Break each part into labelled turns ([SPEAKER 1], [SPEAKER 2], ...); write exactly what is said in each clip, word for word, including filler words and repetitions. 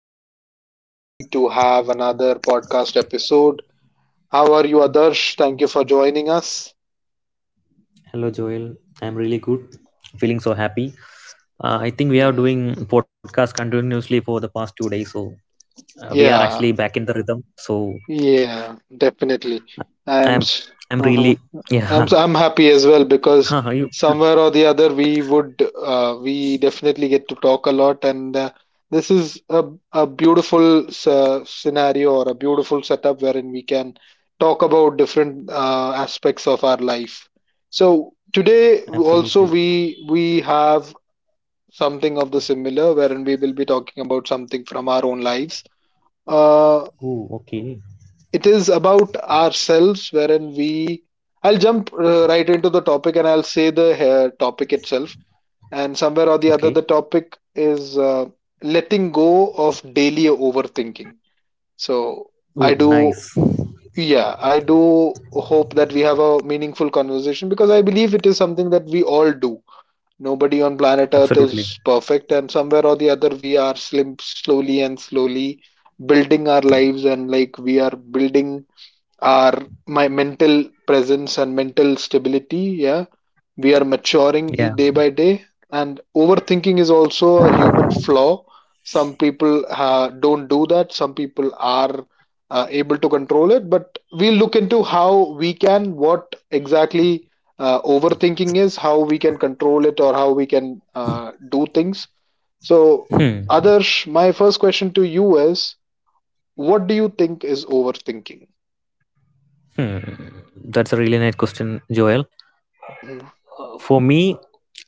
[SPEAKER 1] am so happy to have another podcast episode. How are you, Adarsh? Thank you for joining us.
[SPEAKER 2] Hello, Joel. I'm really good. Feeling so happy. Uh, I think we are
[SPEAKER 1] Hmm.
[SPEAKER 2] doing podcast continuously for the past two days, so uh, we are actually
[SPEAKER 1] Yeah,
[SPEAKER 2] back in the rhythm. So
[SPEAKER 1] yeah,
[SPEAKER 2] I'm,
[SPEAKER 1] definitely.
[SPEAKER 2] I'm really,
[SPEAKER 1] I am. s-
[SPEAKER 2] yeah.
[SPEAKER 1] Mhm. I'm so I'm
[SPEAKER 2] you
[SPEAKER 1] happy as well because somewhere or the other we would uh, we definitely get to talk a lot, and uh, this is a a beautiful uh, scenario, or a beautiful setup wherein we can talk about different uh, aspects of our life. So today
[SPEAKER 2] absolutely.
[SPEAKER 1] also we we have something of the similar, wherein we will be talking about something from our own lives.
[SPEAKER 2] Oh,
[SPEAKER 1] Uh,
[SPEAKER 2] okay,
[SPEAKER 1] it is about ourselves, wherein we I'll jump uh, right into the topic, and I'll say the uh, topic itself. And somewhere
[SPEAKER 2] okay.
[SPEAKER 1] or the other, the topic is uh, letting go of daily overthinking.
[SPEAKER 2] Oh,
[SPEAKER 1] So I
[SPEAKER 2] nice.
[SPEAKER 1] do yeah, I do hope that we have a meaningful conversation, because I believe it is something that we all do. Nobody on planet
[SPEAKER 2] Absolutely.
[SPEAKER 1] Earth is perfect, and somewhere or the other, we are slim slowly and slowly building our lives, and like we are building our my mental presence and mental stability. Yeah, we are maturing
[SPEAKER 2] Yeah.
[SPEAKER 1] each day by day. And overthinking is also a human flaw. Some people uh, don't do that, some people are uh, able to control it. But we'll look into how we can what exactly uh, overthinking is, how we can control it, or how we can uh, do things. So
[SPEAKER 2] Hmm.
[SPEAKER 1] Adarsh, my first question to you is, what do you think is overthinking?
[SPEAKER 2] Hmm. That's a really nice question, Joel. Uh, For me,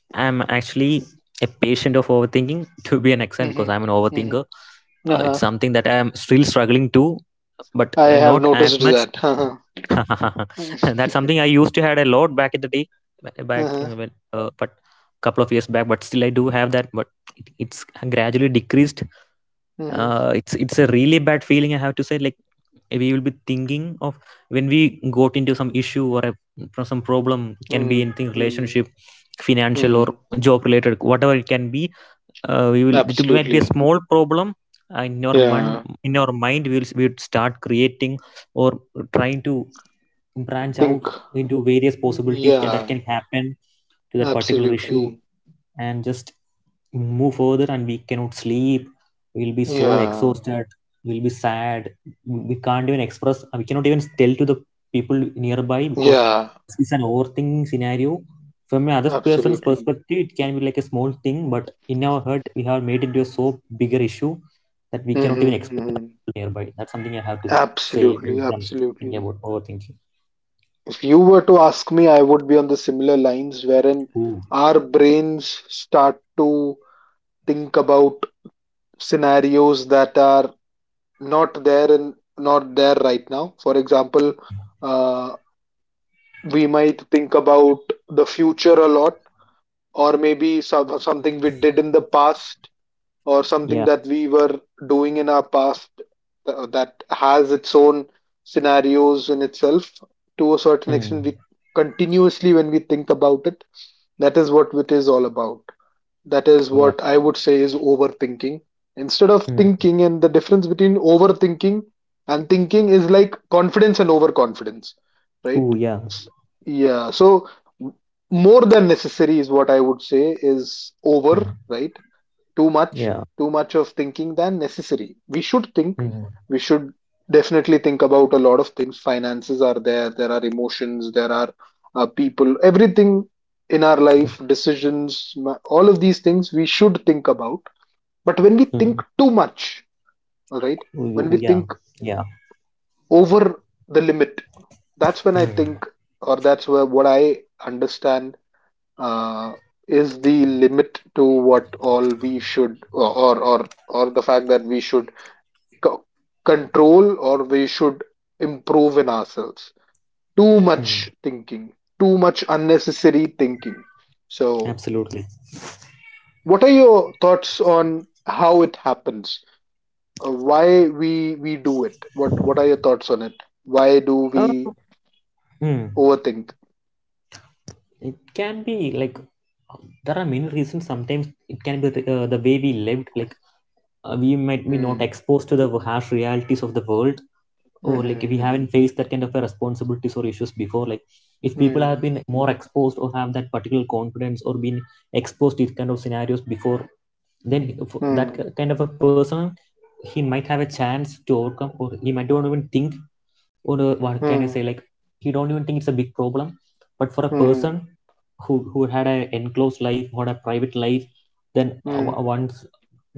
[SPEAKER 2] I'm actually a patient of overthinking to be an extent because
[SPEAKER 1] Mm-hmm.
[SPEAKER 2] I'm an overthinker.
[SPEAKER 1] Mm-hmm.
[SPEAKER 2] Uh, it's
[SPEAKER 1] Uh-huh.
[SPEAKER 2] something that I'm still struggling to, but
[SPEAKER 1] I
[SPEAKER 2] uh,
[SPEAKER 1] have
[SPEAKER 2] not as
[SPEAKER 1] noticed
[SPEAKER 2] much.
[SPEAKER 1] that. Uh-huh.
[SPEAKER 2] That's something I used to had a lot back in the day, ba- back
[SPEAKER 1] Uh-huh.
[SPEAKER 2] in when, uh, but couple of years back. But still, I do have that. But it, it's gradually decreased
[SPEAKER 1] Mm-hmm.
[SPEAKER 2] uh, it's it's a really bad feeling. I have to say, like, we will be thinking of when we got into some issue or a, pro- some problem. It can be
[SPEAKER 1] Hmm.
[SPEAKER 2] anything,
[SPEAKER 1] Hmm.
[SPEAKER 2] relationship, financial,
[SPEAKER 1] Hmm.
[SPEAKER 2] or job related, whatever it can be. Uh, we will it might be a
[SPEAKER 1] Absolutely.
[SPEAKER 2] small problem. Uh, in your
[SPEAKER 1] Yeah.
[SPEAKER 2] mind in our mind we will we would start creating or trying to branch
[SPEAKER 1] Think.
[SPEAKER 2] out into various possibilities
[SPEAKER 1] Yeah.
[SPEAKER 2] that can happen to that particular issue,
[SPEAKER 1] Absolutely.
[SPEAKER 2] and just move further. And we cannot sleep, we'll be so
[SPEAKER 1] Yeah.
[SPEAKER 2] exhausted, we'll be sad. We can't even express, uh, we cannot even tell to the people nearby because
[SPEAKER 1] Yeah.
[SPEAKER 2] it's an overthinking scenario. From another person's
[SPEAKER 1] Absolutely.
[SPEAKER 2] perspective, it can be like a small thing, but in our head we have made it into a so bigger issue that we cannot
[SPEAKER 1] Mm-hmm.
[SPEAKER 2] even express
[SPEAKER 1] Mm-hmm.
[SPEAKER 2] to people nearby. That's something I have to say when
[SPEAKER 1] Absolutely.
[SPEAKER 2] it comes to
[SPEAKER 1] Absolutely.
[SPEAKER 2] thinking about overthinking.
[SPEAKER 1] If you were to ask me, I would be on the similar lines, wherein
[SPEAKER 2] Ooh,
[SPEAKER 1] our brains start to think about scenarios that are not there in not there right now. For example, uh, we might think about the future a lot, or maybe some, something we did in the past, or something
[SPEAKER 2] yeah.
[SPEAKER 1] that we were doing in our past. Th- that has its own scenarios in itself. To a certain
[SPEAKER 2] Hmm.
[SPEAKER 1] extent, we continuously, when we think about it, that is what it is all about. That is
[SPEAKER 2] Yeah.
[SPEAKER 1] what I would say is overthinking. Instead of
[SPEAKER 2] Hmm.
[SPEAKER 1] thinking, and the difference between overthinking and thinking is like confidence and overconfidence, right?
[SPEAKER 2] Ooh, yeah.
[SPEAKER 1] S- Yeah, so more than necessary is what I would say is over,
[SPEAKER 2] Hmm.
[SPEAKER 1] right? too much
[SPEAKER 2] Yeah.
[SPEAKER 1] too much of thinking than necessary. We should think
[SPEAKER 2] Hmm.
[SPEAKER 1] we should definitely think about a lot of things. Finances are there, there are emotions, there are uh, people, everything, in our life decisions. All of these things we should think about. But when we
[SPEAKER 2] Hmm.
[SPEAKER 1] think too much, all right,
[SPEAKER 2] Oh,
[SPEAKER 1] when we
[SPEAKER 2] yeah,
[SPEAKER 1] think
[SPEAKER 2] yeah.
[SPEAKER 1] over the limit, that's when I
[SPEAKER 2] Hmm.
[SPEAKER 1] think, or that's where what I understand uh, is the limit to what all we should, or or or the fact that we should co- control, or we should improve in ourselves. Too
[SPEAKER 2] Hmm.
[SPEAKER 1] much thinking, too much unnecessary thinking. So
[SPEAKER 2] Absolutely.
[SPEAKER 1] what are your thoughts on how it happens? Uh, why we we do it? What what are your thoughts on it? Why do
[SPEAKER 2] Uh,
[SPEAKER 1] we
[SPEAKER 2] Hmm.
[SPEAKER 1] overthink?
[SPEAKER 2] It can be like, there are many reasons. Sometimes it can be the, uh, the way we lived. Like, uh, we might be not
[SPEAKER 1] Hmm.
[SPEAKER 2] exposed to the harsh realities of the world,
[SPEAKER 1] Hmm.
[SPEAKER 2] or like we
[SPEAKER 1] Hmm.
[SPEAKER 2] haven't faced that kind of a responsibilities or issues before. Like, if people have
[SPEAKER 1] Mm-hmm.
[SPEAKER 2] been more exposed or have that particular confidence, or been exposed to these kind of scenarios before, then he- for that
[SPEAKER 1] Hmm.
[SPEAKER 2] ki- kind of a person, he might have a chance to overcome, or he might not even think. Or uh, what can I
[SPEAKER 1] Hmm.
[SPEAKER 2] say?
[SPEAKER 1] Hmm.
[SPEAKER 2] Like, he don't even think it's a big problem. But for a
[SPEAKER 1] Hmm.
[SPEAKER 2] person who who had an enclosed life, had a private life, then uh,
[SPEAKER 1] Hmm.
[SPEAKER 2] once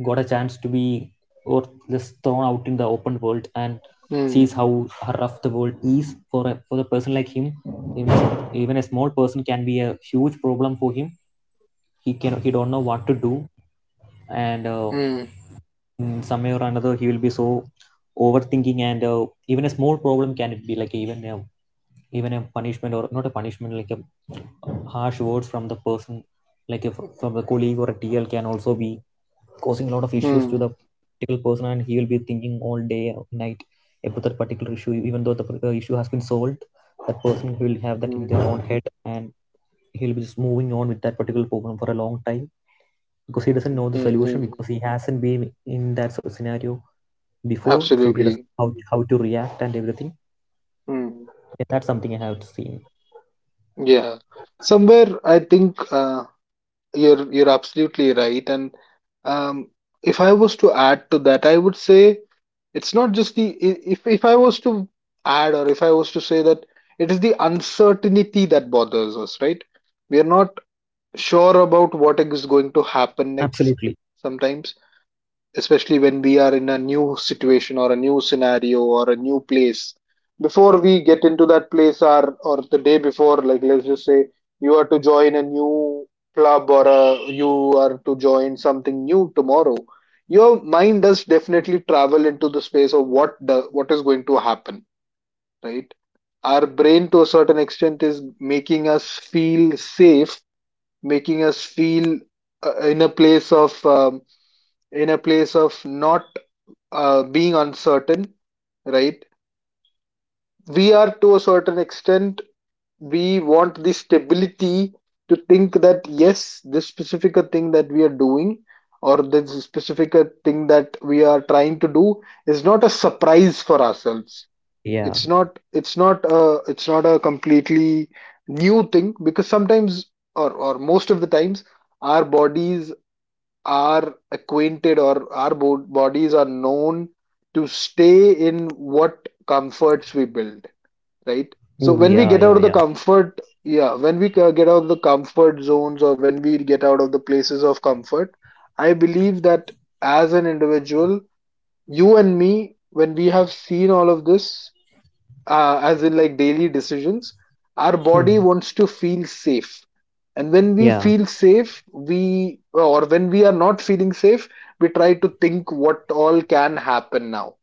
[SPEAKER 2] got a chance to be, or just thrown out in the open world, and
[SPEAKER 1] Hmm.
[SPEAKER 2] sees how how rough the world is for a for the person like him. Even even a small person can be a huge problem for him. He can he don't know what to do. And uh,
[SPEAKER 1] Mm,
[SPEAKER 2] in some way or another, he will be so overthinking. And uh, even a small problem, can it be like even a even a punishment, or not a punishment, like a harsh words from the person, like if from a colleague or a T L, can also be causing a lot of issues
[SPEAKER 1] mm,
[SPEAKER 2] to the particular person. And he will be thinking all day or night about that particular issue, even though the uh, issue has been solved. That person will have that in
[SPEAKER 1] mm,
[SPEAKER 2] their own head, and he'll be just moving on with that particular problem for a long time, because he doesn't know
[SPEAKER 1] mm,
[SPEAKER 2] the
[SPEAKER 1] mm,
[SPEAKER 2] solution,
[SPEAKER 1] mm.
[SPEAKER 2] because he hasn't been in that scenario before, so he doesn't
[SPEAKER 1] Absolutely.
[SPEAKER 2] know how, how to react and everything.
[SPEAKER 1] Mm,
[SPEAKER 2] Yeah, that's something I have seen.
[SPEAKER 1] yeah. Somewhere I think uh, you're you're absolutely right. And um, if I was to add to that, I would say it's not just the i- if if I was to add, or if I was to say that it is the uncertainty that bothers us, right? We are not sure about what is going to happen next.
[SPEAKER 2] Absolutely.
[SPEAKER 1] Sometimes, especially when we are in a new situation, or a new scenario, or a new place, before we get into that place, or or the day before, like, let's just say you are to join a new club, or a, you are to join something new tomorrow. Your mind does definitely travel into the space of what the what is going to happen, right? Our brain, to a certain extent, is making us feel safe, making us feel uh, in a place of, um, in a place of not uh, being uncertain, right? We are, to a certain extent, we want the stability to think that yes, this specific thing that we are doing, or this specific thing that we are trying to do, is not a surprise for ourselves.
[SPEAKER 2] Yeah.
[SPEAKER 1] It's not, it's not, a, it's not a completely new thing, because sometimes, or, or most of the times, our bodies are acquainted, or our bo- bodies are known to stay in what comforts we build, right? So
[SPEAKER 2] Oh
[SPEAKER 1] when we
[SPEAKER 2] yeah,
[SPEAKER 1] get
[SPEAKER 2] yeah,
[SPEAKER 1] out of
[SPEAKER 2] yeah.
[SPEAKER 1] the comfort, yeah, when we ca- get out of the comfort zones, or when we get out of the places of comfort, I believe that as an individual, you and me, when we have seen all of this, uh, as in, like, daily decisions, our
[SPEAKER 2] Hmm.
[SPEAKER 1] body wants to feel safe. And when we
[SPEAKER 2] Yeah,
[SPEAKER 1] feel safe, we or when we are not feeling safe, we try to think what all can happen now,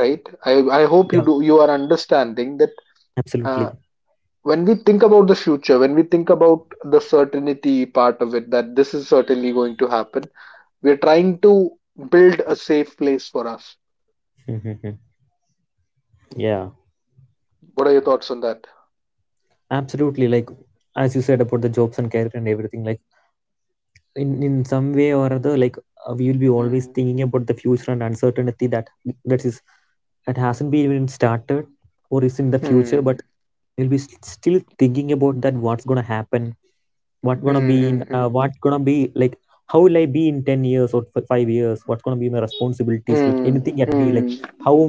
[SPEAKER 1] right? I i hope
[SPEAKER 2] yeah,
[SPEAKER 1] you do you are understanding that.
[SPEAKER 2] absolutely.
[SPEAKER 1] uh, when we think about the future, when we think about the certainty part of it, that this is certainly going to happen, we are trying to build a safe place for us.
[SPEAKER 2] Mhm. Yeah,
[SPEAKER 1] What are your thoughts on that?
[SPEAKER 2] absolutely. Like, as you said about the jobs and career and everything, like, in in some way or other, like, uh, we will be always
[SPEAKER 1] Hmm.
[SPEAKER 2] thinking about the future and uncertainty, that that is that hasn't been even started or is in the future.
[SPEAKER 1] Hmm.
[SPEAKER 2] But we'll be s- still thinking about that, what's gonna happen, what gonna
[SPEAKER 1] Hmm.
[SPEAKER 2] be
[SPEAKER 1] Hmm.
[SPEAKER 2] in
[SPEAKER 1] Hmm.
[SPEAKER 2] uh, what gonna be like, how will I be in ten years or f- five years, what gonna be my responsibilities, like
[SPEAKER 1] Hmm.
[SPEAKER 2] anything at be
[SPEAKER 1] Hmm.
[SPEAKER 2] like, how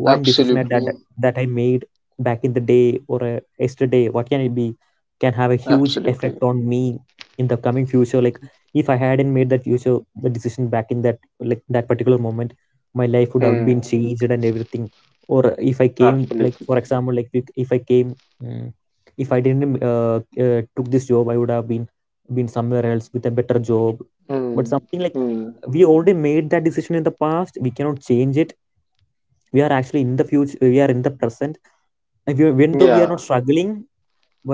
[SPEAKER 2] one decision at that
[SPEAKER 1] Absolutely.
[SPEAKER 2] that I made back in the day or uh, yesterday, what can it be, can have a huge
[SPEAKER 1] Absolutely.
[SPEAKER 2] effect on me in the coming future. Like, if I hadn't made that future the decision back in that, like that particular moment, my life would have
[SPEAKER 1] Hmm.
[SPEAKER 2] been changed and everything. Or if I came, like
[SPEAKER 1] Absolutely.
[SPEAKER 2] for example like if if I came, mm, if I didn't uh, uh, took this job, I would have been been somewhere else with a better job. But
[SPEAKER 1] Mm,
[SPEAKER 2] something like,
[SPEAKER 1] mm,
[SPEAKER 2] we already made that decision in the past, we cannot change it. We are actually in the future, we are in the present. If you even though we are
[SPEAKER 1] yeah.
[SPEAKER 2] not struggling,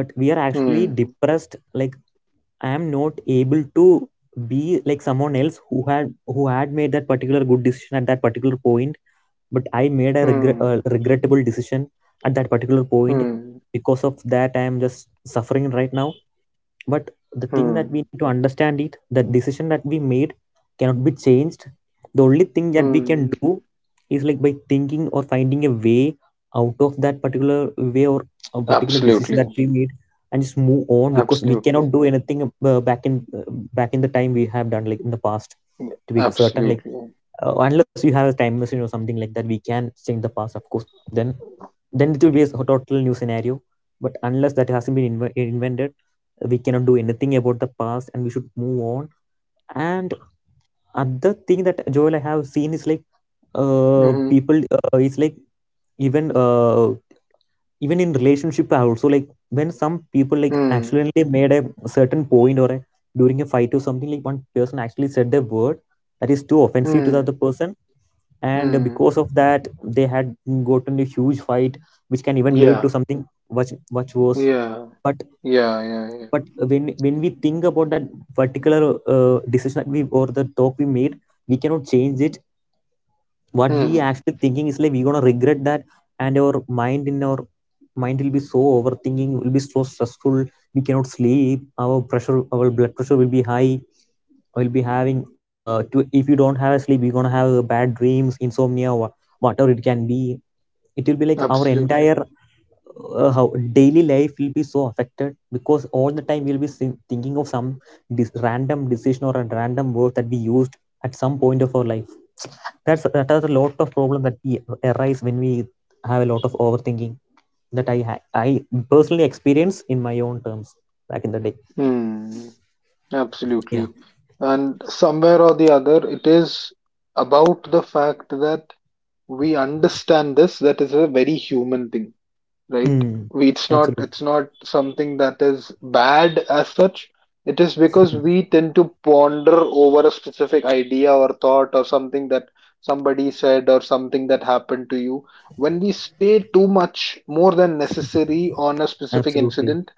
[SPEAKER 2] but we are actually
[SPEAKER 1] Mm,
[SPEAKER 2] depressed. Like, I am not able to be like someone else who had who had made that particular good decision at that particular point. But I made a regret,
[SPEAKER 1] mm,
[SPEAKER 2] uh, regrettable decision at that particular point.
[SPEAKER 1] mm,
[SPEAKER 2] Because of that, I am just suffering right now. But the thing that
[SPEAKER 1] mm,
[SPEAKER 2] we need to understand it, the decision that we made cannot be changed. The only thing that we
[SPEAKER 1] mm.
[SPEAKER 2] can do is, like, by thinking or finding a way out of that particular way, or a particular decision that
[SPEAKER 1] Absolutely.
[SPEAKER 2] we made, and just move on. Because we
[SPEAKER 1] Absolutely.
[SPEAKER 2] cannot do anything, uh, back in uh, back in the time we have done, like in the past.
[SPEAKER 1] Yeah.
[SPEAKER 2] To be certain, like,
[SPEAKER 1] Absolutely.
[SPEAKER 2] uh, unless you have a time machine or something like that, we can change the past, of course. then then it will be a total new scenario. But unless that hasn't been inve- invented, we cannot do anything about the past, and we should move on. And other thing that Joel I have seen is like, uh
[SPEAKER 1] Mm-hmm.
[SPEAKER 2] people uh, it's like, even uh even in relationship I also, like when some people like
[SPEAKER 1] Mm,
[SPEAKER 2] accidentally made a certain point or a, during a fight or something, like one person actually said a word that is too offensive to the
[SPEAKER 1] mm,
[SPEAKER 2] other person. And
[SPEAKER 1] mm.
[SPEAKER 2] because of that, they had gotten a huge fight, which can even lead
[SPEAKER 1] Yeah.
[SPEAKER 2] to something much much worse.
[SPEAKER 1] Yeah.
[SPEAKER 2] But
[SPEAKER 1] Yeah. Yeah. Yeah.
[SPEAKER 2] but when when we think about that particular uh, decision that we or the talk we made, we cannot change it. What we
[SPEAKER 1] Mm,
[SPEAKER 2] actually thinking is like, we're gonna regret that. And our mind in our mind will be so overthinking, will be so stressful. We cannot sleep, our pressure, our blood pressure will be high, will be having uh to, if you don't have a sleep you're gonna have uh, bad dreams, insomnia, wha- whatever it can be. It will be like our
[SPEAKER 1] absolutely.
[SPEAKER 2] entire uh, how daily life will be so affected, because all the time we'll be sin- thinking of some dis- random decision or a random word that we used at some point of our life. That's that are a lot of problem that we arise when we have a lot of overthinking, that i ha- I personally experience in my own terms back in the day.
[SPEAKER 1] Mm,
[SPEAKER 2] Yeah.
[SPEAKER 1] absolutely. And somewhere or the other, it is about the fact that we understand this, that is a very human thing, right?
[SPEAKER 2] Mm.
[SPEAKER 1] We, it's not
[SPEAKER 2] Absolutely.
[SPEAKER 1] it's not something that is bad as such. It is because we tend to ponder over a specific idea or thought, or something that somebody said, or something that happened to you. When we stay too much more than necessary on a specific
[SPEAKER 2] Absolutely.
[SPEAKER 1] incident,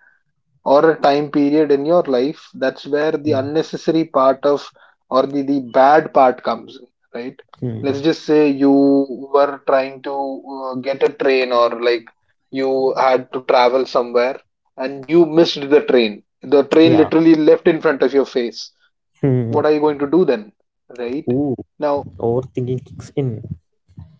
[SPEAKER 1] or a time period in your life, that's where the
[SPEAKER 2] Mm.
[SPEAKER 1] unnecessary part of or the, the bad part comes in, right? Let's
[SPEAKER 2] Mm.
[SPEAKER 1] just say you were trying to uh, get a train, or like, you had to travel somewhere, and you missed the train. The train
[SPEAKER 2] Yeah.
[SPEAKER 1] literally left in front of your face.
[SPEAKER 2] Mm.
[SPEAKER 1] What are you going to do then, right?
[SPEAKER 2] Ooh,
[SPEAKER 1] Now,
[SPEAKER 2] overthinking kicks in.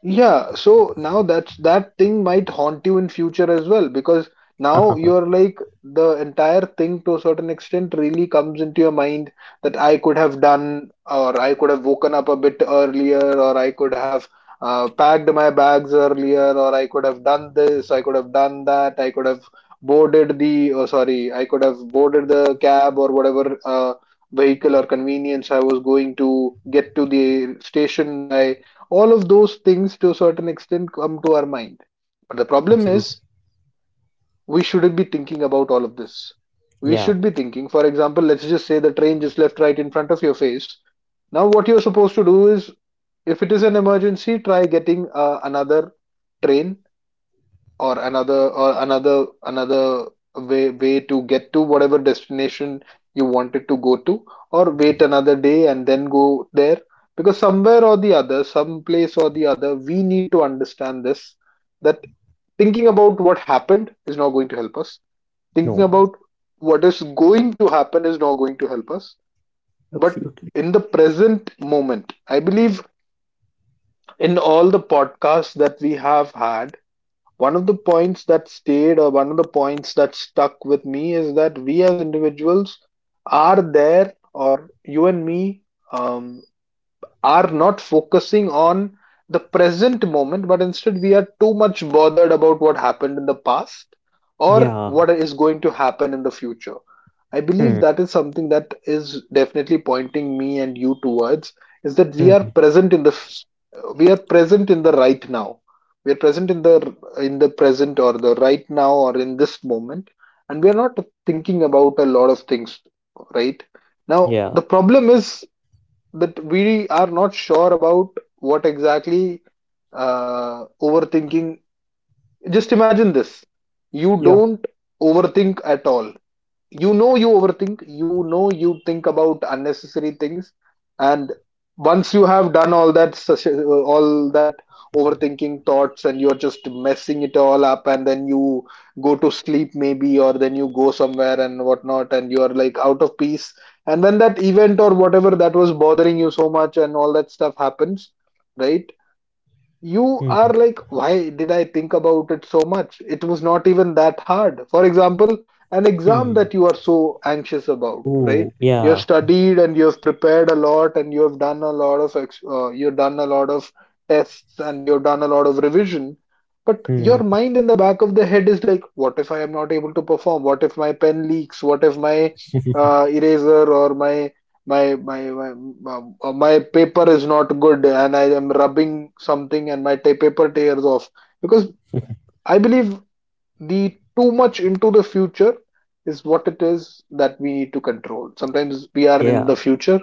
[SPEAKER 1] yeah, so now that's that thing might haunt you in future as well, because now you're like, the entire thing, to a certain extent, really comes into your mind, that I could have done, or I could have woken up a bit earlier, or I could have uh, packed my bags earlier, or I could have done this, I could have done that, I could have boarded the oh, sorry, I could have boarded the cab, or whatever uh, vehicle or convenience I was going to get to the station by. All of those things, to a certain extent, come to our mind. But the problem
[SPEAKER 2] Absolutely.
[SPEAKER 1] is, we shouldn't be thinking about all of this. We
[SPEAKER 2] Yeah.
[SPEAKER 1] should be thinking, for example, let's just say the train just left right in front of your face. Now what you're supposed to do is, if it is an emergency, try getting uh, another train, or another or another another way way to get to whatever destination you wanted to go to, or wait another day and then go there. Because somewhere or the other, some place or the other, we need to understand this, that thinking about what happened is not going to help us, thinking
[SPEAKER 2] No.
[SPEAKER 1] about what is going to happen is not going to help us, but
[SPEAKER 2] Absolutely.
[SPEAKER 1] in the present moment, I believe, in all the podcasts that we have had, one of the points that stayed, or one of the points that stuck with me, is that we as individuals are there, or you and me, um, are not focusing on the present moment, but instead we are too much bothered about what happened in the past or
[SPEAKER 2] Yeah.
[SPEAKER 1] what is going to happen in the future. I believe
[SPEAKER 2] Hmm.
[SPEAKER 1] that is something that is definitely pointing me and you towards, is that we
[SPEAKER 2] Hmm.
[SPEAKER 1] are present in the f- we are present in the right now. We are present in the in the present, or the right now, or in this moment, and we are not thinking about a lot of things right now. The
[SPEAKER 2] Yeah.
[SPEAKER 1] problem is that we are not sure about what exactly uh, overthinking. Just imagine this: you
[SPEAKER 2] Yeah.
[SPEAKER 1] don't overthink at all you know you overthink, you know you think about unnecessary things. And once you have done all that such- uh, all that overthinking thoughts and you're just messing it all up, and then you go to sleep maybe, or then you go somewhere and whatnot, and you're like out of peace. And when that event or whatever that was bothering you so much and all that stuff happens, right, you are
[SPEAKER 2] Hmm.
[SPEAKER 1] like, why did I think about it so much? It was not even that hard. For example, an exam
[SPEAKER 2] Hmm.
[SPEAKER 1] that you are so anxious about, right?
[SPEAKER 2] Ooh.
[SPEAKER 1] You have
[SPEAKER 2] Yeah.
[SPEAKER 1] studied and you have prepared a lot and you have done a lot of ex- uh, you've done a lot of tests, and you've done a lot of revision. But your
[SPEAKER 2] Hmm.
[SPEAKER 1] mind in the back of the head is like, what if I am not able to perform? What if my pen leaks? What if my uh, eraser or my my my my, uh, my paper is not good and I am rubbing something and my ta- paper tears off, because I believe the too much into the future is what it is that we need to control. Sometimes we are in
[SPEAKER 2] Yeah.
[SPEAKER 1] the future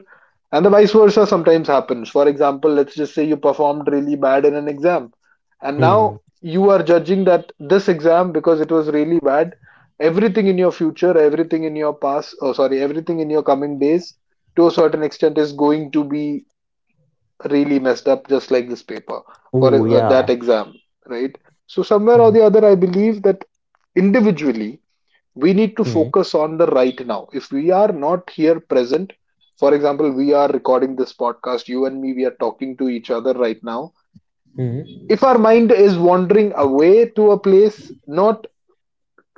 [SPEAKER 1] and the vice versa sometimes happens. For example, let's just say you performed really bad in an exam, and now
[SPEAKER 2] Hmm.
[SPEAKER 1] you are judging that this exam, because it was really bad, everything in your future, everything in your past, oh sorry, everything in your coming days to a certain extent is going to be really messed up, just like this paper for
[SPEAKER 2] Ooh.
[SPEAKER 1] uh, that
[SPEAKER 2] Yeah.
[SPEAKER 1] exam, right? So somewhere or
[SPEAKER 2] Hmm.
[SPEAKER 1] the other, I believe that individually we need to
[SPEAKER 2] Hmm.
[SPEAKER 1] focus on the right now. If we are not here present, for example, we are recording this podcast, you and me, we are talking to each other right now.
[SPEAKER 2] Hmm.
[SPEAKER 1] If our mind is wandering away to a place not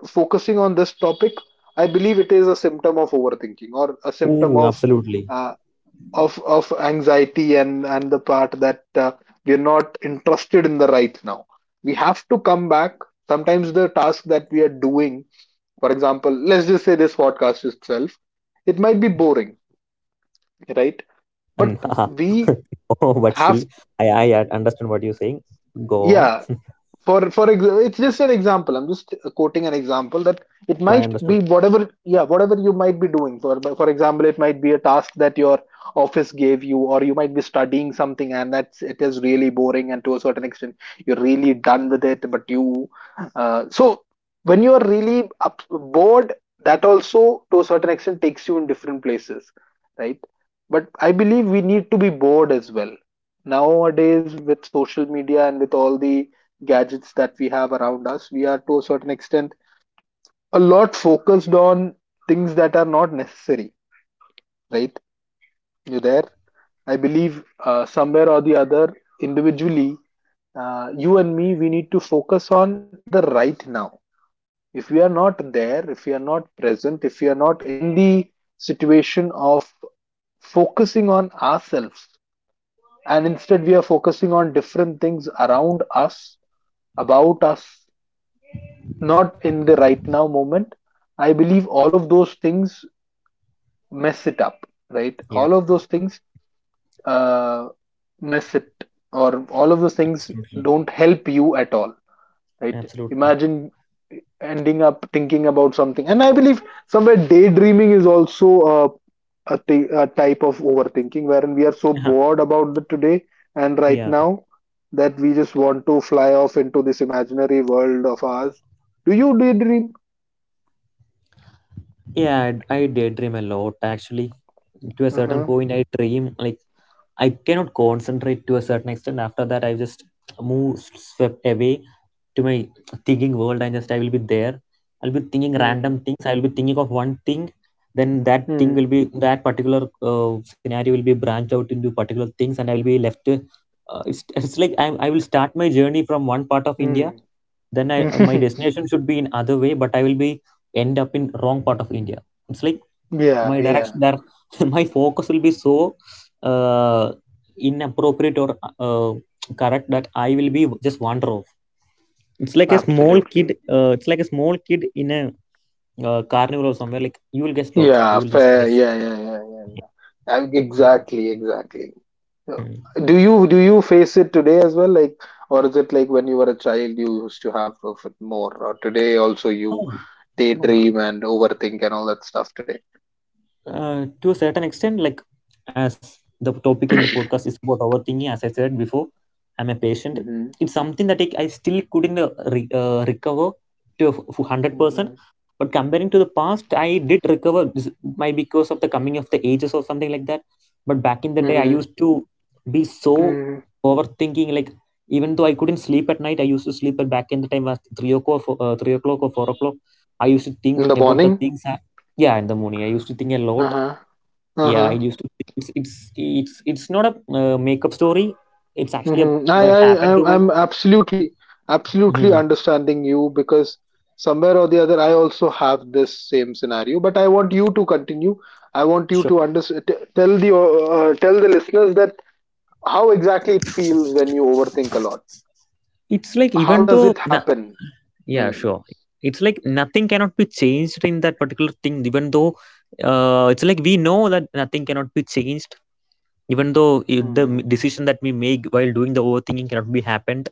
[SPEAKER 1] focusing on this topic, I believe it is a symptom of overthinking or a symptom
[SPEAKER 2] Ooh.
[SPEAKER 1] of
[SPEAKER 2] Absolutely.
[SPEAKER 1] uh, of of anxiety, and and the part that uh, we are not interested in the right now, we have to come back. Sometimes the task that we are doing, for example, let's just say this podcast itself, it might be
[SPEAKER 2] Yeah.
[SPEAKER 1] boring, right?
[SPEAKER 2] And
[SPEAKER 1] But we
[SPEAKER 2] oh, but still,
[SPEAKER 1] have,
[SPEAKER 2] I I uh, understand what you're saying. Go on.
[SPEAKER 1] yeah, for for example, it's just an example, I'm just quoting an example that
[SPEAKER 2] Sure.
[SPEAKER 1] it
[SPEAKER 2] Sure. I
[SPEAKER 1] might
[SPEAKER 2] understood.
[SPEAKER 1] be whatever, yeah, whatever you might be doing. For for example, it might be a task that your office gave you, or you might be studying something, and that's, it is really boring and to a certain extent you're really done with it, but you uh, so when you are really up, bored, that also to a certain extent takes you in different places, right? But I believe we need to be bored as well. Nowadays, with social media and with all the gadgets that we have around us, we are to a certain extent a lot focused on things that are not necessary, right?
[SPEAKER 2] Yeah.
[SPEAKER 1] You there? I believe uh, somewhere or the other, individually, uh, you and me, we need to focus on the right now. If we are not there, if we are not present, if we are not in the situation of focusing on ourselves, and instead we are focusing on different things around us, about us, not in the right now moment. I believe all of those things mess it up, right?
[SPEAKER 2] Yeah.
[SPEAKER 1] All of those things uh, mess it, or all of those things
[SPEAKER 2] Absolutely.
[SPEAKER 1] don't help you at all, right?
[SPEAKER 2] Absolutely.
[SPEAKER 1] Imagine ending up thinking about something. And I believe somewhere daydreaming is also a a, thi- a type of overthinking, wherein we are so bored about the today and right
[SPEAKER 2] Yeah.
[SPEAKER 1] now that we just want to fly off into this imaginary world of ours. Do you daydream?
[SPEAKER 2] Yeah. I, I daydream a lot actually. To a certain
[SPEAKER 1] Uh-huh.
[SPEAKER 2] point, I dream like I cannot concentrate to a certain extent. After that, I just move swept away to my thinking world, and just I will be there. I'll be thinking random
[SPEAKER 1] Mm,
[SPEAKER 2] things. I'll be thinking of one thing. Then that thing will
[SPEAKER 1] mm,
[SPEAKER 2] be that particular uh, scenario will be branched out into particular things, and I will be left. Uh, it's, it's like I, I will start my journey from one part of India. Then I my
[SPEAKER 1] mm.
[SPEAKER 2] destination should be in other way, but I will be end up in wrong part of India. It's like
[SPEAKER 1] Yeah,
[SPEAKER 2] my
[SPEAKER 1] yeah,
[SPEAKER 2] direction there, my focus will be so uh, inappropriate or uh, correct, that I will be just wander off. It's like a small kid,
[SPEAKER 1] absolutely.
[SPEAKER 2] uh, it's like a small kid in a uh, carnival or somewhere, like you will guess lot, you
[SPEAKER 1] Yeah,
[SPEAKER 2] will just
[SPEAKER 1] fair.
[SPEAKER 2] guess.
[SPEAKER 1] Yeah, yeah, yeah, yeah, yeah. Uh,
[SPEAKER 2] Yeah.
[SPEAKER 1] Exactly, exactly. So,
[SPEAKER 2] Mm.
[SPEAKER 1] do you do you face it today as well? Like, or is it like when you were a child, you used to have of it more, or today also you
[SPEAKER 2] No. No,
[SPEAKER 1] daydream and overthink and all that stuff today?
[SPEAKER 2] uh, to a certain extent, like, as the topic in the podcast is about overthinking, as I said before, I'm a patient.
[SPEAKER 1] Mm-hmm.
[SPEAKER 2] It's something that I, I still couldn't uh, re, uh, recover to a f- hundred percent.
[SPEAKER 1] Mm-hmm.
[SPEAKER 2] But comparing to the past, I did recover. This might be because of the coming of the ages or something like that. But back in the day, I
[SPEAKER 1] Mm-hmm.
[SPEAKER 2] used to be so
[SPEAKER 1] Mm-hmm.
[SPEAKER 2] overthinking. Like even though I couldn't sleep at night, I used to sleep at back in the time at three o'clock, or four- uh, three o'clock or four o'clock. I used to think
[SPEAKER 1] In the
[SPEAKER 2] about the
[SPEAKER 1] morning?
[SPEAKER 2] things. I, yeah, in the morning, I used to think a lot,
[SPEAKER 1] Uh-huh.
[SPEAKER 2] yeah, I
[SPEAKER 1] Uh-huh.
[SPEAKER 2] used to. It's it's it's it's not a uh, makeup story. It's actually a,
[SPEAKER 1] Mm-hmm. I,
[SPEAKER 2] what
[SPEAKER 1] I,
[SPEAKER 2] happened
[SPEAKER 1] I'm
[SPEAKER 2] to my.
[SPEAKER 1] I'm absolutely, absolutely
[SPEAKER 2] Mhm.
[SPEAKER 1] understanding you, because somewhere or the other, I also have this same scenario. But I want you to continue. I want you
[SPEAKER 2] Sure.
[SPEAKER 1] to under t- tell the uh, uh, tell the listeners that how exactly it feels when you overthink a lot.
[SPEAKER 2] It's like even
[SPEAKER 1] How does
[SPEAKER 2] though
[SPEAKER 1] it
[SPEAKER 2] na-
[SPEAKER 1] happen?
[SPEAKER 2] yeah,
[SPEAKER 1] Mm.
[SPEAKER 2] sure, it's like nothing cannot be changed in that particular thing, even though uh, it's like we know that nothing cannot be changed, even though i- the m-
[SPEAKER 1] Mm.
[SPEAKER 2] decision that we make while doing the overthinking cannot be happened,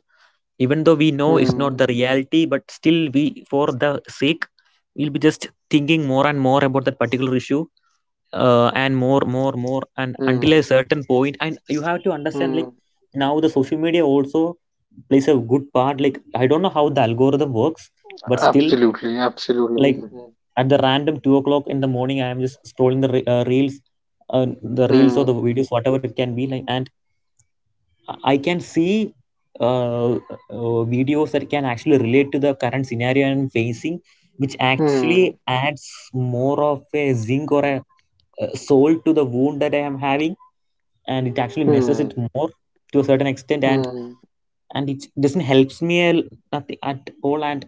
[SPEAKER 2] even though we know it's not
[SPEAKER 1] Mm.
[SPEAKER 2] the reality, but still we, for the sake, we'll be just thinking more and more about that particular issue, uh, and more more more and until
[SPEAKER 1] Mm.
[SPEAKER 2] a certain point, and you have to understand like
[SPEAKER 1] Mm.
[SPEAKER 2] now the social media also plays a good part. Like I don't know how the algorithm works, but still,
[SPEAKER 1] Absolutely,
[SPEAKER 2] like,
[SPEAKER 1] absolutely.
[SPEAKER 2] at the random two o'clock in the morning, I am just scrolling the re- uh, reels. uh, the reels or the
[SPEAKER 1] Mm.
[SPEAKER 2] videos, whatever it can be, like. And I can see uh, uh, videos that can actually relate to the current scenario I'm facing, which
[SPEAKER 1] Mm.
[SPEAKER 2] actually adds more of a zinc or a, uh salt to the wound that I am having, and it actually messes
[SPEAKER 1] Mm.
[SPEAKER 2] it more to a certain extent.
[SPEAKER 1] Mm.
[SPEAKER 2] and
[SPEAKER 1] Mm.
[SPEAKER 2] and it doesn't helps me a l- nothing at all. And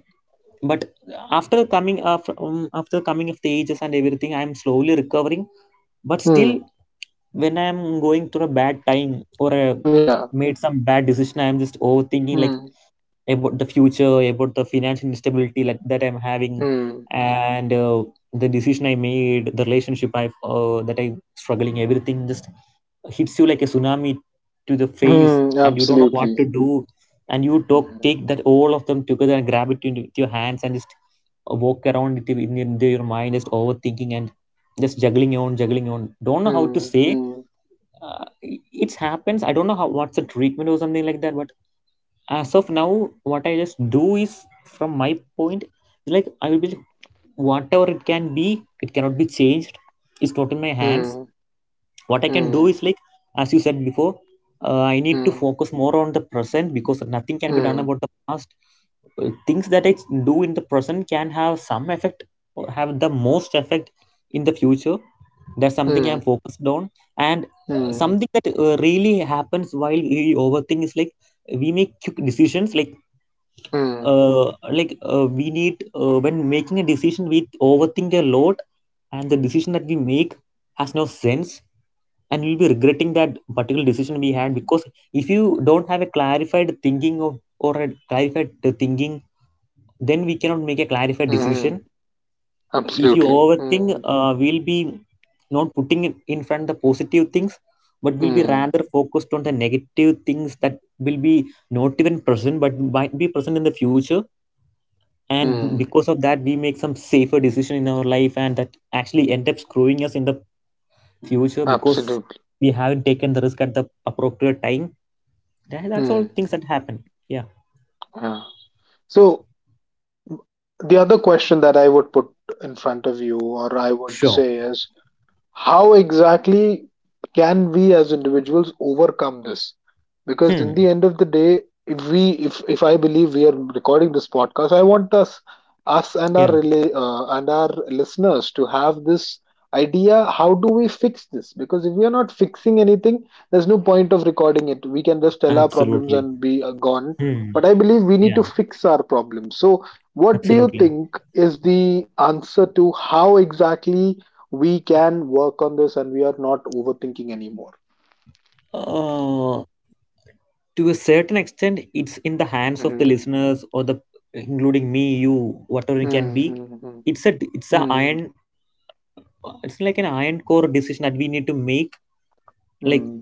[SPEAKER 2] but after coming after um, after coming of the ages and everything, I'm slowly recovering. But still,
[SPEAKER 1] Mm.
[SPEAKER 2] when I'm going through a bad time or a
[SPEAKER 1] Yeah.
[SPEAKER 2] made some bad decision, I'm just overthinking like
[SPEAKER 1] Mm.
[SPEAKER 2] about the future, about the financial instability like that I'm having,
[SPEAKER 1] Mm.
[SPEAKER 2] and uh, the decision I made, the relationship I uh, that I'm struggling, everything just hits you like a tsunami to the face,
[SPEAKER 1] Hmm,
[SPEAKER 2] and you don't know what to
[SPEAKER 1] absolutely.
[SPEAKER 2] do, and you talk take that all of them together and grab it into into your hands and just uh, walk around it in, in your mind, just overthinking and just juggling on, juggling on. Don't know how to
[SPEAKER 1] Hmm.
[SPEAKER 2] say.
[SPEAKER 1] Hmm.
[SPEAKER 2] Uh, it it happens. I don't know how what's the treatment or something like that, but as of now what I just do is from my point like I will be whatever it can be, it cannot be changed, it's not in my hands.
[SPEAKER 1] Hmm.
[SPEAKER 2] What I can do
[SPEAKER 1] Hmm.
[SPEAKER 2] is like, as you said before, uh, i need to
[SPEAKER 1] Hmm.
[SPEAKER 2] focus more on the present because nothing can be done
[SPEAKER 1] Hmm.
[SPEAKER 2] about the past. Uh, things that I do in the present can have some effect or have the most effect in the future. That's something
[SPEAKER 1] Hmm.
[SPEAKER 2] I'm focused on. And uh,
[SPEAKER 1] Hmm.
[SPEAKER 2] something that uh, really happens while we overthink is like we make quick decisions like
[SPEAKER 1] Hmm. Mm,
[SPEAKER 2] uh, like uh, we need uh, when making a decision, we overthink a lot, and the decision that we make has no sense, and we'll be regretting that particular decision we had because if you don't have a clarified thinking of or a clarified uh, thinking, then we cannot make a clarified decision.
[SPEAKER 1] mm,
[SPEAKER 2] If you
[SPEAKER 1] absolutely.
[SPEAKER 2] overthink,
[SPEAKER 1] Hmm.
[SPEAKER 2] uh, we'll be not putting in in front the positive things, but we'll be
[SPEAKER 1] Hmm.
[SPEAKER 2] rather focused on the negative things that will be not even present but might be present in the future. And
[SPEAKER 1] Hmm.
[SPEAKER 2] because of that, we make some safer decision in our life, and that actually end up screwing us in the future because
[SPEAKER 1] Absolutely.
[SPEAKER 2] we haven't taken the risk at the appropriate time. That- that's
[SPEAKER 1] Hmm.
[SPEAKER 2] all things that happen. Yeah,
[SPEAKER 1] Yeah. So the other question that I would put in front of you, or I would
[SPEAKER 2] sure.
[SPEAKER 1] say, is how exactly can we as individuals overcome this? Because in
[SPEAKER 2] Hmm.
[SPEAKER 1] the end of the day, if we if if I believe, we are recording this podcast, I want us us and our
[SPEAKER 2] Yeah,
[SPEAKER 1] rela- uh, and our listeners to have this idea, how do we fix this? Because if we are not fixing anything, there's no point of recording it. We can just tell our problems
[SPEAKER 2] absolutely.
[SPEAKER 1] and be uh, gone.
[SPEAKER 2] Hmm.
[SPEAKER 1] But I believe we need to
[SPEAKER 2] Yeah,
[SPEAKER 1] fix our problems. So what do you
[SPEAKER 2] absolutely.
[SPEAKER 1] think is the answer to how exactly we can work on this and we are not overthinking anymore?
[SPEAKER 2] Uh, to a certain extent, it's in the hands of the
[SPEAKER 1] Mm-hmm.
[SPEAKER 2] listeners or the, including me, you, whatever it can be.
[SPEAKER 1] Mm-hmm.
[SPEAKER 2] It's a it's a iron, it's like an iron core decision that we need to make.
[SPEAKER 1] Mm-hmm.
[SPEAKER 2] Like,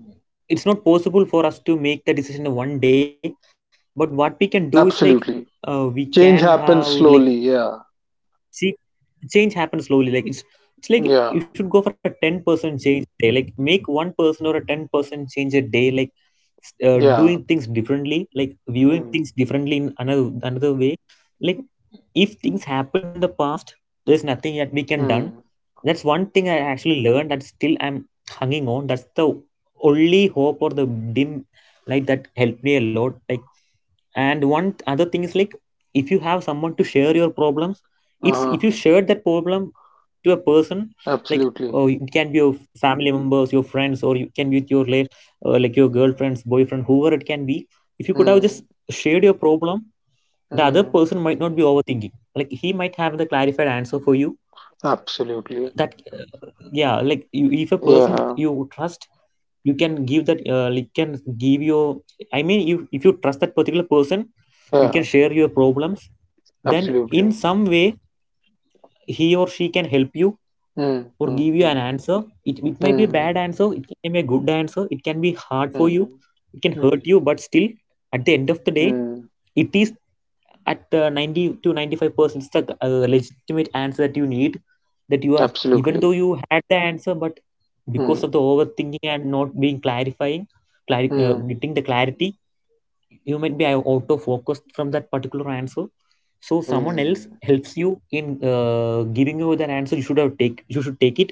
[SPEAKER 2] it's not possible for us to make the decision in one day, but what we can do is like, uh,
[SPEAKER 1] Absolutely.
[SPEAKER 2] we can have
[SPEAKER 1] Change
[SPEAKER 2] like,
[SPEAKER 1] happens slowly. Yeah.
[SPEAKER 2] she change happens slowly. Like it's it's like you should go for a
[SPEAKER 1] Yeah.
[SPEAKER 2] ten percent change a day, like make one person or a ten percent change a day, like s- uh, doing things
[SPEAKER 1] Yeah.
[SPEAKER 2] differently, like viewing things differently in
[SPEAKER 1] Mm-hmm.
[SPEAKER 2] another another way. Like if things happened in the past, there's nothing that we can done.
[SPEAKER 1] Mm.
[SPEAKER 2] That's one thing I actually learned, that still I'm hanging on. That's the only hope or the dim light that helped me a lot, like. And one th- other thing is like, if you have someone to share your problems, it's
[SPEAKER 1] Uh-huh.
[SPEAKER 2] if you share that problem to a person, like,
[SPEAKER 1] Absolutely.
[SPEAKER 2] oh, it can be your family members, your friends, or you can be with your late, uh, like your girlfriends, boyfriend, whoever it can be. If you could have
[SPEAKER 1] Mm.
[SPEAKER 2] just shared your problem, the other
[SPEAKER 1] Mm.
[SPEAKER 2] person might not be overthinking, like he might have the clarified answer for you,
[SPEAKER 1] Absolutely.
[SPEAKER 2] that, yeah, like you, if a person
[SPEAKER 1] Yeah.
[SPEAKER 2] you trust, you can give that uh, like, can give your, I mean you, if you trust that particular person, you can
[SPEAKER 1] Yeah.
[SPEAKER 2] share your problems, then in
[SPEAKER 1] Absolutely.
[SPEAKER 2] some way he or she can help you
[SPEAKER 1] Mm.
[SPEAKER 2] or
[SPEAKER 1] Mm.
[SPEAKER 2] give you an
[SPEAKER 1] Mm.
[SPEAKER 2] answer. it, it may be a
[SPEAKER 1] Mm.
[SPEAKER 2] bad answer, it can be a good answer, it can be hard for you,
[SPEAKER 1] Mm.
[SPEAKER 2] it can hurt
[SPEAKER 1] Mm.
[SPEAKER 2] you, but still at the end of the day,
[SPEAKER 1] Mm.
[SPEAKER 2] it is at the ninety to ninety-five percent, it's the uh, legitimate answer that you need, that you are, even though
[SPEAKER 1] Absolutely.
[SPEAKER 2] you had the answer, but because of the
[SPEAKER 1] Mm.
[SPEAKER 2] overthinking and not being clarifying, clari uh,
[SPEAKER 1] Mm.
[SPEAKER 2] getting the clarity, you might be out of focus from that particular answer. So someone else
[SPEAKER 1] Mm.
[SPEAKER 2] helps you in uh, giving you that answer. You should have take, you should take it,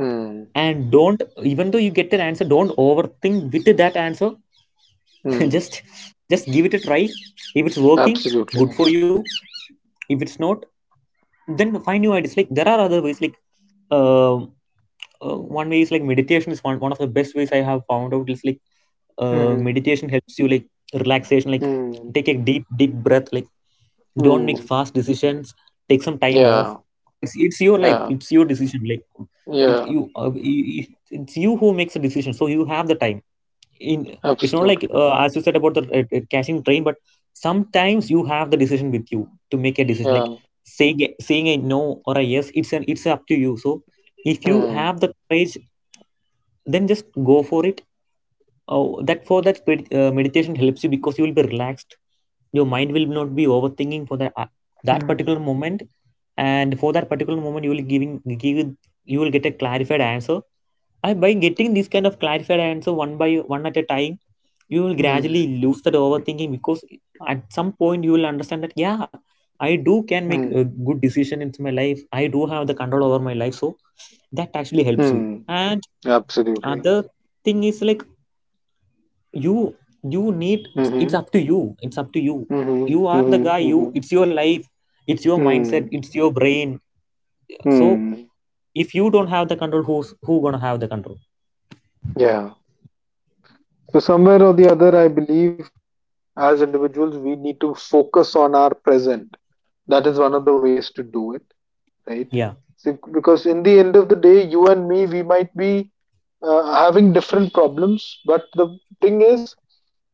[SPEAKER 1] Mm.
[SPEAKER 2] and don't, even though you get that answer, don't overthink with that answer.
[SPEAKER 1] Mm.
[SPEAKER 2] just just give it a try. If it's working,
[SPEAKER 1] Absolutely.
[SPEAKER 2] good for you. If it's not, then find new ideas. Like, there are other ways like, uh, uh, one way is like, meditation is one, one of the best ways I have found out. Is like, uh,
[SPEAKER 1] Mm-hmm.
[SPEAKER 2] meditation helps you like relaxation, like
[SPEAKER 1] Mm,
[SPEAKER 2] take a deep deep breath, like don't
[SPEAKER 1] mm,
[SPEAKER 2] make fast decisions, take some time off.
[SPEAKER 1] yeah,
[SPEAKER 2] it's, it's your life,
[SPEAKER 1] yeah,
[SPEAKER 2] it's your decision, like it
[SPEAKER 1] yeah,
[SPEAKER 2] you, uh, you you- it's you who makes the decision, so you have the time in. It's not like,
[SPEAKER 1] absolutely.
[SPEAKER 2] uh, as you said about the uh, uh, catching train, but sometimes you have the decision with you to make a decision,
[SPEAKER 1] Yeah.
[SPEAKER 2] like saying a, saying a no or a yes, it's an, it's up to you. So if you
[SPEAKER 1] Mm,
[SPEAKER 2] have the courage, then just go for it. Oh, that for that spirit, uh, meditation helps you because you will be relaxed. Your mind will not be overthinking for that uh, that
[SPEAKER 1] mm,
[SPEAKER 2] particular moment, and for that particular moment, you will giving give, you will get a clarified answer. And by getting this kind of clarified answer one by one at a time, you will
[SPEAKER 1] mm,
[SPEAKER 2] gradually lose that overthinking because at some point you will understand that, yeah, I do can make a
[SPEAKER 1] mm,
[SPEAKER 2] good decision in my life. I do have the control over my life, so that actually helps you.
[SPEAKER 1] mm,
[SPEAKER 2] And
[SPEAKER 1] absolutely.
[SPEAKER 2] other thing is like, you you need, it's, it's
[SPEAKER 1] Mm-hmm,
[SPEAKER 2] up to you, it's up to you.
[SPEAKER 1] mm-hmm,
[SPEAKER 2] You are the
[SPEAKER 1] mm-hmm,
[SPEAKER 2] guy, you,
[SPEAKER 1] mm-hmm,
[SPEAKER 2] it's your life, it's your mindset,
[SPEAKER 1] mm,
[SPEAKER 2] it's your brain. So
[SPEAKER 1] mm,
[SPEAKER 2] if you don't have the control, who's who gonna have the control?
[SPEAKER 1] yeah. So somewhere or the other, I believe, as individuals, we need to focus on our present. That is one of the ways to do it, right?
[SPEAKER 2] Yeah.
[SPEAKER 1] So, because in the end of the day, you and me, we might be uh, having different problems. But the thing is,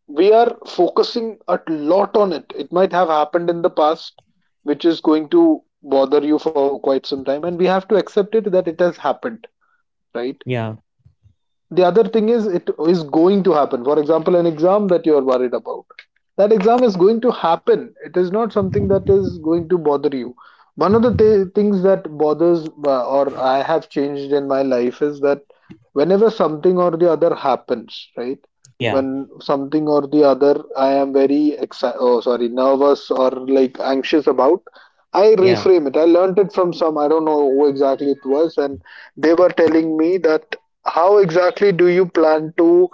[SPEAKER 1] we are focusing a lot on it. It might have happened in the past, which is going to bother you for quite some time, and we have to accept it that it has happened, right?
[SPEAKER 2] Yeah.
[SPEAKER 1] The other thing is, it is going to happen. For example, an exam that you are worried about, that exam is going to happen, it is not something that is going to bother you. One of the th- things that bothers uh, or I have changed in my life is that whenever something or the other happens, right,
[SPEAKER 2] Yeah.
[SPEAKER 1] when something or the other, I am very exci- oh sorry, nervous or like anxious about, I
[SPEAKER 2] Yeah.
[SPEAKER 1] reframe it. I learned it from some, I don't know who exactly it was, and they were telling me that how exactly do you plan to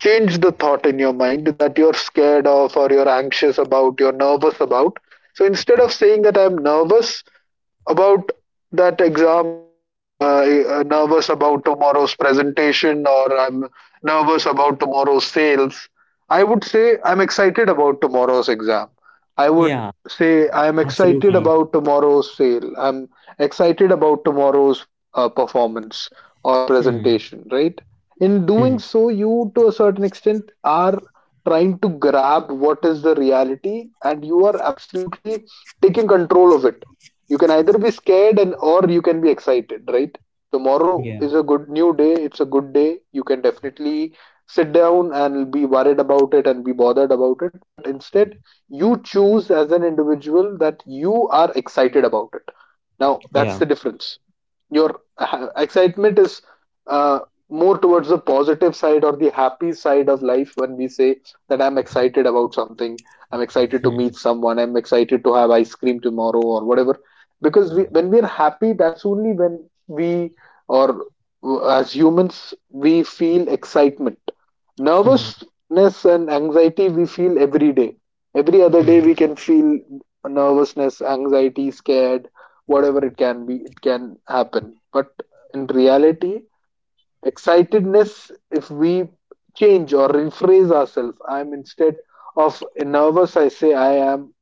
[SPEAKER 1] change the thought in your mind that you're scared of, or you're anxious about, you're nervous about? So instead of saying that I'm nervous about that exam, or I am uh, uh, nervous about tomorrow's presentation, or I'm nervous about tomorrow's sales, I would say I'm excited about tomorrow's exam, I would
[SPEAKER 2] Yeah.
[SPEAKER 1] say I'm excited
[SPEAKER 2] Absolutely.
[SPEAKER 1] about tomorrow's sale, I'm excited about tomorrow's uh, performance or
[SPEAKER 2] Hmm.
[SPEAKER 1] presentation, right? In doing
[SPEAKER 2] Hmm.
[SPEAKER 1] so, you to a certain extent are trying to grab what is the reality, and you are absolutely taking control of it. You can either be scared, and or you can be excited, right? Tomorrow
[SPEAKER 2] Yeah.
[SPEAKER 1] is a good new day, it's a good day. You can definitely sit down and be worried about it and be bothered about it, but instead you choose as an individual that you are excited about it. Now, that's
[SPEAKER 2] Yeah.
[SPEAKER 1] the difference. Your ha- excitement is uh, more towards the positive side or the happy side of life. When we say that I'm excited about something, I'm excited to meet
[SPEAKER 2] Hmm.
[SPEAKER 1] someone, I'm excited to have ice cream tomorrow or whatever, because we, when we are happy, that's only when we or uh, as humans we feel excitement.
[SPEAKER 2] Hmm.
[SPEAKER 1] Nervousness and anxiety we feel every day, every other day we
[SPEAKER 2] Hmm.
[SPEAKER 1] can feel nervousness, anxiety, scared, whatever it can be, it can happen. But in reality, excitedness, if we change or rephrase ourselves, I'm, instead of nervous, I say I am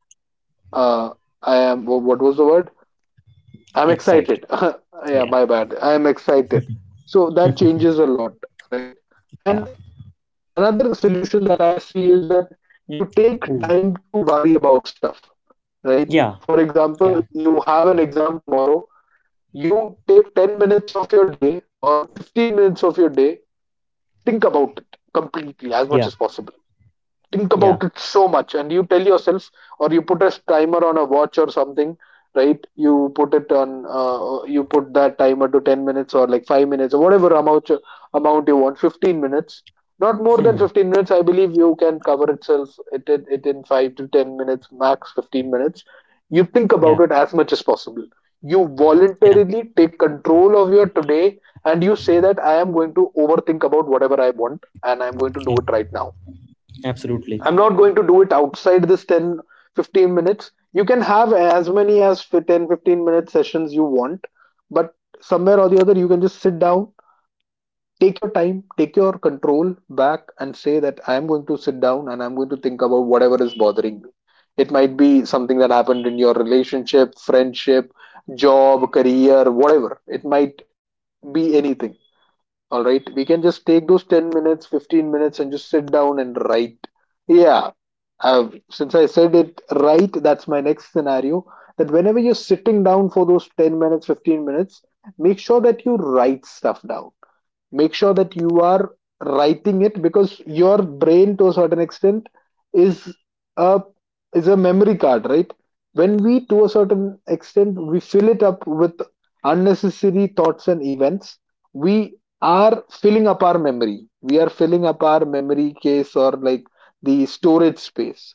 [SPEAKER 1] uh, I am, what was the word, I'm
[SPEAKER 2] Excited.
[SPEAKER 1] excited. Yeah,
[SPEAKER 2] Yeah.
[SPEAKER 1] my bad, I am excited. So that changes a lot, right?
[SPEAKER 2] Yeah.
[SPEAKER 1] And another solution that I see is that you take
[SPEAKER 2] Ooh.
[SPEAKER 1] time to worry about stuff, right?
[SPEAKER 2] Yeah.
[SPEAKER 1] For example,
[SPEAKER 2] Yeah.
[SPEAKER 1] you have an exam tomorrow, you take ten minutes of your day or fifteen minutes of your day, think about it completely as much
[SPEAKER 2] Yeah.
[SPEAKER 1] as possible, think
[SPEAKER 2] Yeah.
[SPEAKER 1] about it so much, and you tell yourself, or you put a timer on a watch or something, right? you put it on uh, you put that timer to ten minutes or like five minutes, or whatever amount amount you want, fifteen minutes. Not more than
[SPEAKER 2] Hmm.
[SPEAKER 1] fifteen minutes, I believe you can cover itself, it, it, it in five to ten minutes, max fifteen minutes. You think
[SPEAKER 2] Yeah.
[SPEAKER 1] about it as much as possible. You
[SPEAKER 2] Yeah.
[SPEAKER 1] voluntarily take control of your today, and you say that I am going to overthink about whatever I want, and I'm going to do
[SPEAKER 2] Mm.
[SPEAKER 1] it right now.
[SPEAKER 2] Absolutely.
[SPEAKER 1] I'm not going to do it outside this ten, fifteen minutes. You can have as many as fi- ten fifteen minute sessions you want, but somewhere or the other, you can just sit down, take your time, take your control back, and say that I'm going to sit down and I'm going to think about whatever is bothering me. It might be something that happened in your relationship, friendship, job, career, whatever. It might be anything, all right. We can just take those ten minutes, fifteen minutes, and just sit down and write. Yeah. Uh, since I said it right, that's my next scenario. That whenever you're sitting down for those ten minutes, fifteen minutes, make sure that you write stuff down, make sure that you are writing it, because your brain, to a certain extent, is a is a memory card, right? When we, to a certain extent, we fill it up with unnecessary thoughts and events. We are filling up our memory, we are filling up our memory case, or like the storage space.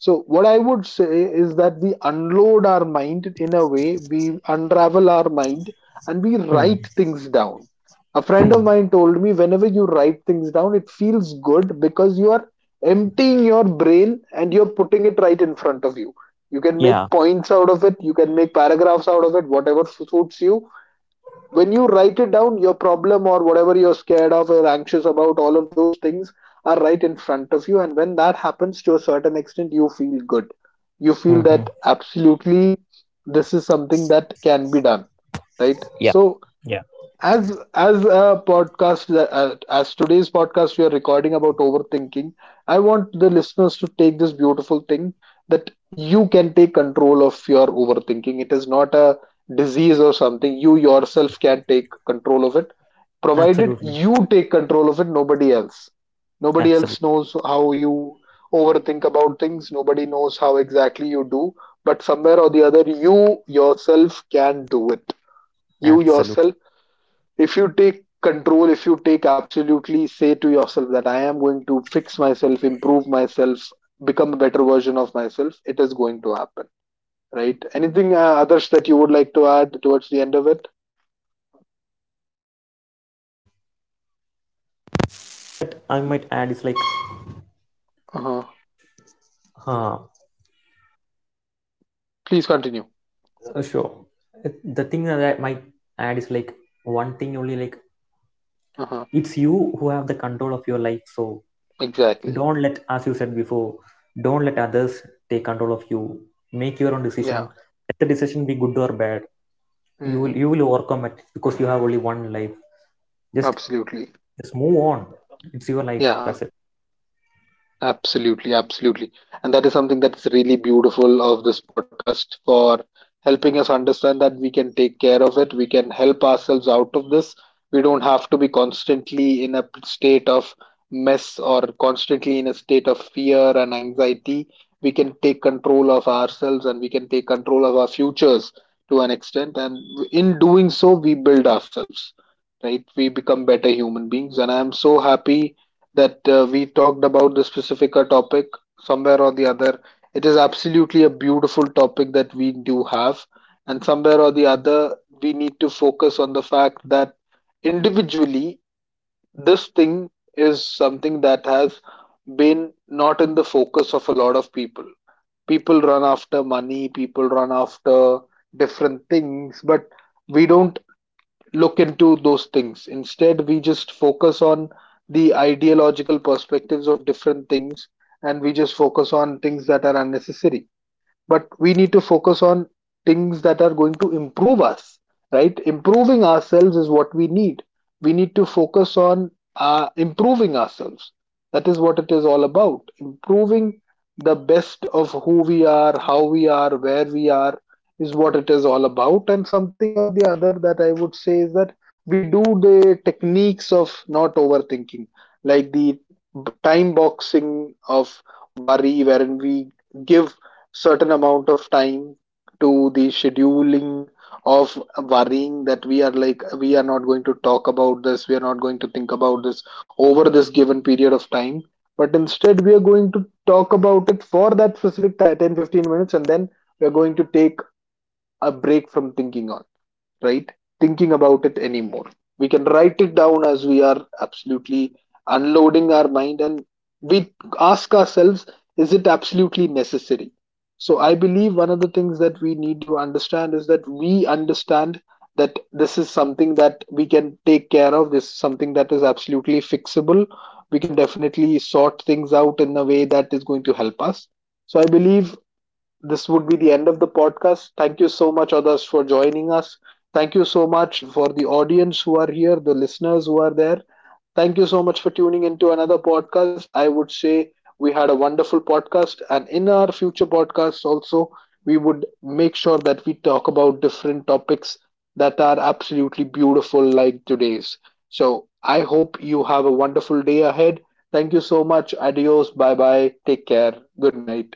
[SPEAKER 1] So what I would say is that we unload our mind, in a way we unravel our mind, and we
[SPEAKER 2] Hmm.
[SPEAKER 1] write things down. A friend
[SPEAKER 2] Hmm.
[SPEAKER 1] of mine told me, whenever you write things down, it feels good because you are emptying your brain and you're putting it right in front of you. You can make
[SPEAKER 2] Yeah.
[SPEAKER 1] points out of it, you can make paragraphs out of it, whatever suits you. When you write it down, your problem or whatever you're scared of or anxious about, all of those things are right in front of you. And when that happens, to a certain extent, you feel good. You feel
[SPEAKER 2] Hmm. Hmm.
[SPEAKER 1] that absolutely this is something that can be done, right?
[SPEAKER 2] Yeah.
[SPEAKER 1] So
[SPEAKER 2] Yeah.
[SPEAKER 1] as as a podcast, uh, as today's podcast we are recording about overthinking, I want the listeners to take this beautiful thing, that you can take control of your overthinking. It is not a disease or something, you yourself can take control of it, provided
[SPEAKER 2] Absolutely,
[SPEAKER 1] you take control of it, nobody else. Nobody else
[SPEAKER 2] absolutely,
[SPEAKER 1] knows how you overthink about things, nobody knows how exactly you do, but somewhere or the other, you yourself can do it. You
[SPEAKER 2] absolutely.
[SPEAKER 1] yourself, if you take control, if you take absolutely, say to yourself that I am going to fix myself, improve myself, become a better version of myself, it is going to happen, right? Anything, uh, others, that you would like to add towards the end of it?
[SPEAKER 2] But I might add is like,
[SPEAKER 1] Uh-huh.
[SPEAKER 2] huh,
[SPEAKER 1] Please continue.
[SPEAKER 2] uh, sure. Uh, the thing that I might add is like, one thing only, like
[SPEAKER 1] Uh-huh.
[SPEAKER 2] it's you who have the control of your life. So
[SPEAKER 1] Exactly.
[SPEAKER 2] don't let, as you said before, don't let others take control of you. Make your own
[SPEAKER 1] Yeah.
[SPEAKER 2] decision. Let the decision be good or bad. You will
[SPEAKER 1] Mm,
[SPEAKER 2] you will overcome it because you have only one life. Just
[SPEAKER 1] absolutely.
[SPEAKER 2] just move on. It's your life.
[SPEAKER 1] Yeah.
[SPEAKER 2] That's it.
[SPEAKER 1] Absolutely, absolutely. And that is something that's really beautiful of this podcast, for helping us understand that we can take care of it. We can help ourselves out of this. We don't have to be constantly in a state of mess or constantly in a state of fear and anxiety. We can take control of ourselves and we can take control of our futures to an extent. And in doing so, we build ourselves, right? We become better human beings. And I'm so happy that uh, we talked about the specific uh, topic. Somewhere or the other, it is absolutely a beautiful topic that we do have, and somewhere or the other, we need to focus on the fact that individually, this thing is something that has been not in the focus of a lot of people. People run after money, people run after different things, but we don't look into those things. Instead, we just focus on the ideological perspectives of different things, and we just focus on things that are unnecessary, but we need to focus on things that are going to improve us, right? Improving ourselves is what we need. We need to focus on uh, improving ourselves. That is what it is all about, improving the best of who we are, how we are, where we are, is what it is all about. And something or the other that I would say is that we do the techniques of not overthinking, like the time boxing of worry, wherein we give certain amount of time to the scheduling of worrying, that we are like, we are not going to talk about this, we are not going to think about this over this given period of time, but instead we are going to talk about it for that specific ti- ten fifteen minutes, and then we are going to take a break from thinking on, right? Thinking about it anymore. We can write it down, as we are absolutely unloading our mind, and we ask ourselves, is it absolutely necessary? So I believe one of the things that we need to understand is that we understand that this is something that we can take care of, this is something that is absolutely fixable. We can definitely sort things out in a way that is going to help us. So I believe this would be the end of the podcast. Thank you so much, others, for joining us. Thank you so much for the audience who are here, the listeners who are there. Thank you so much for tuning into another podcast. I would say we had a wonderful podcast, and in our future podcasts, also, we would make sure that we talk about different topics that are absolutely beautiful, like today's. So, I hope you have a wonderful day ahead. Thank you so much. Adios. Bye bye. Take care. Good night.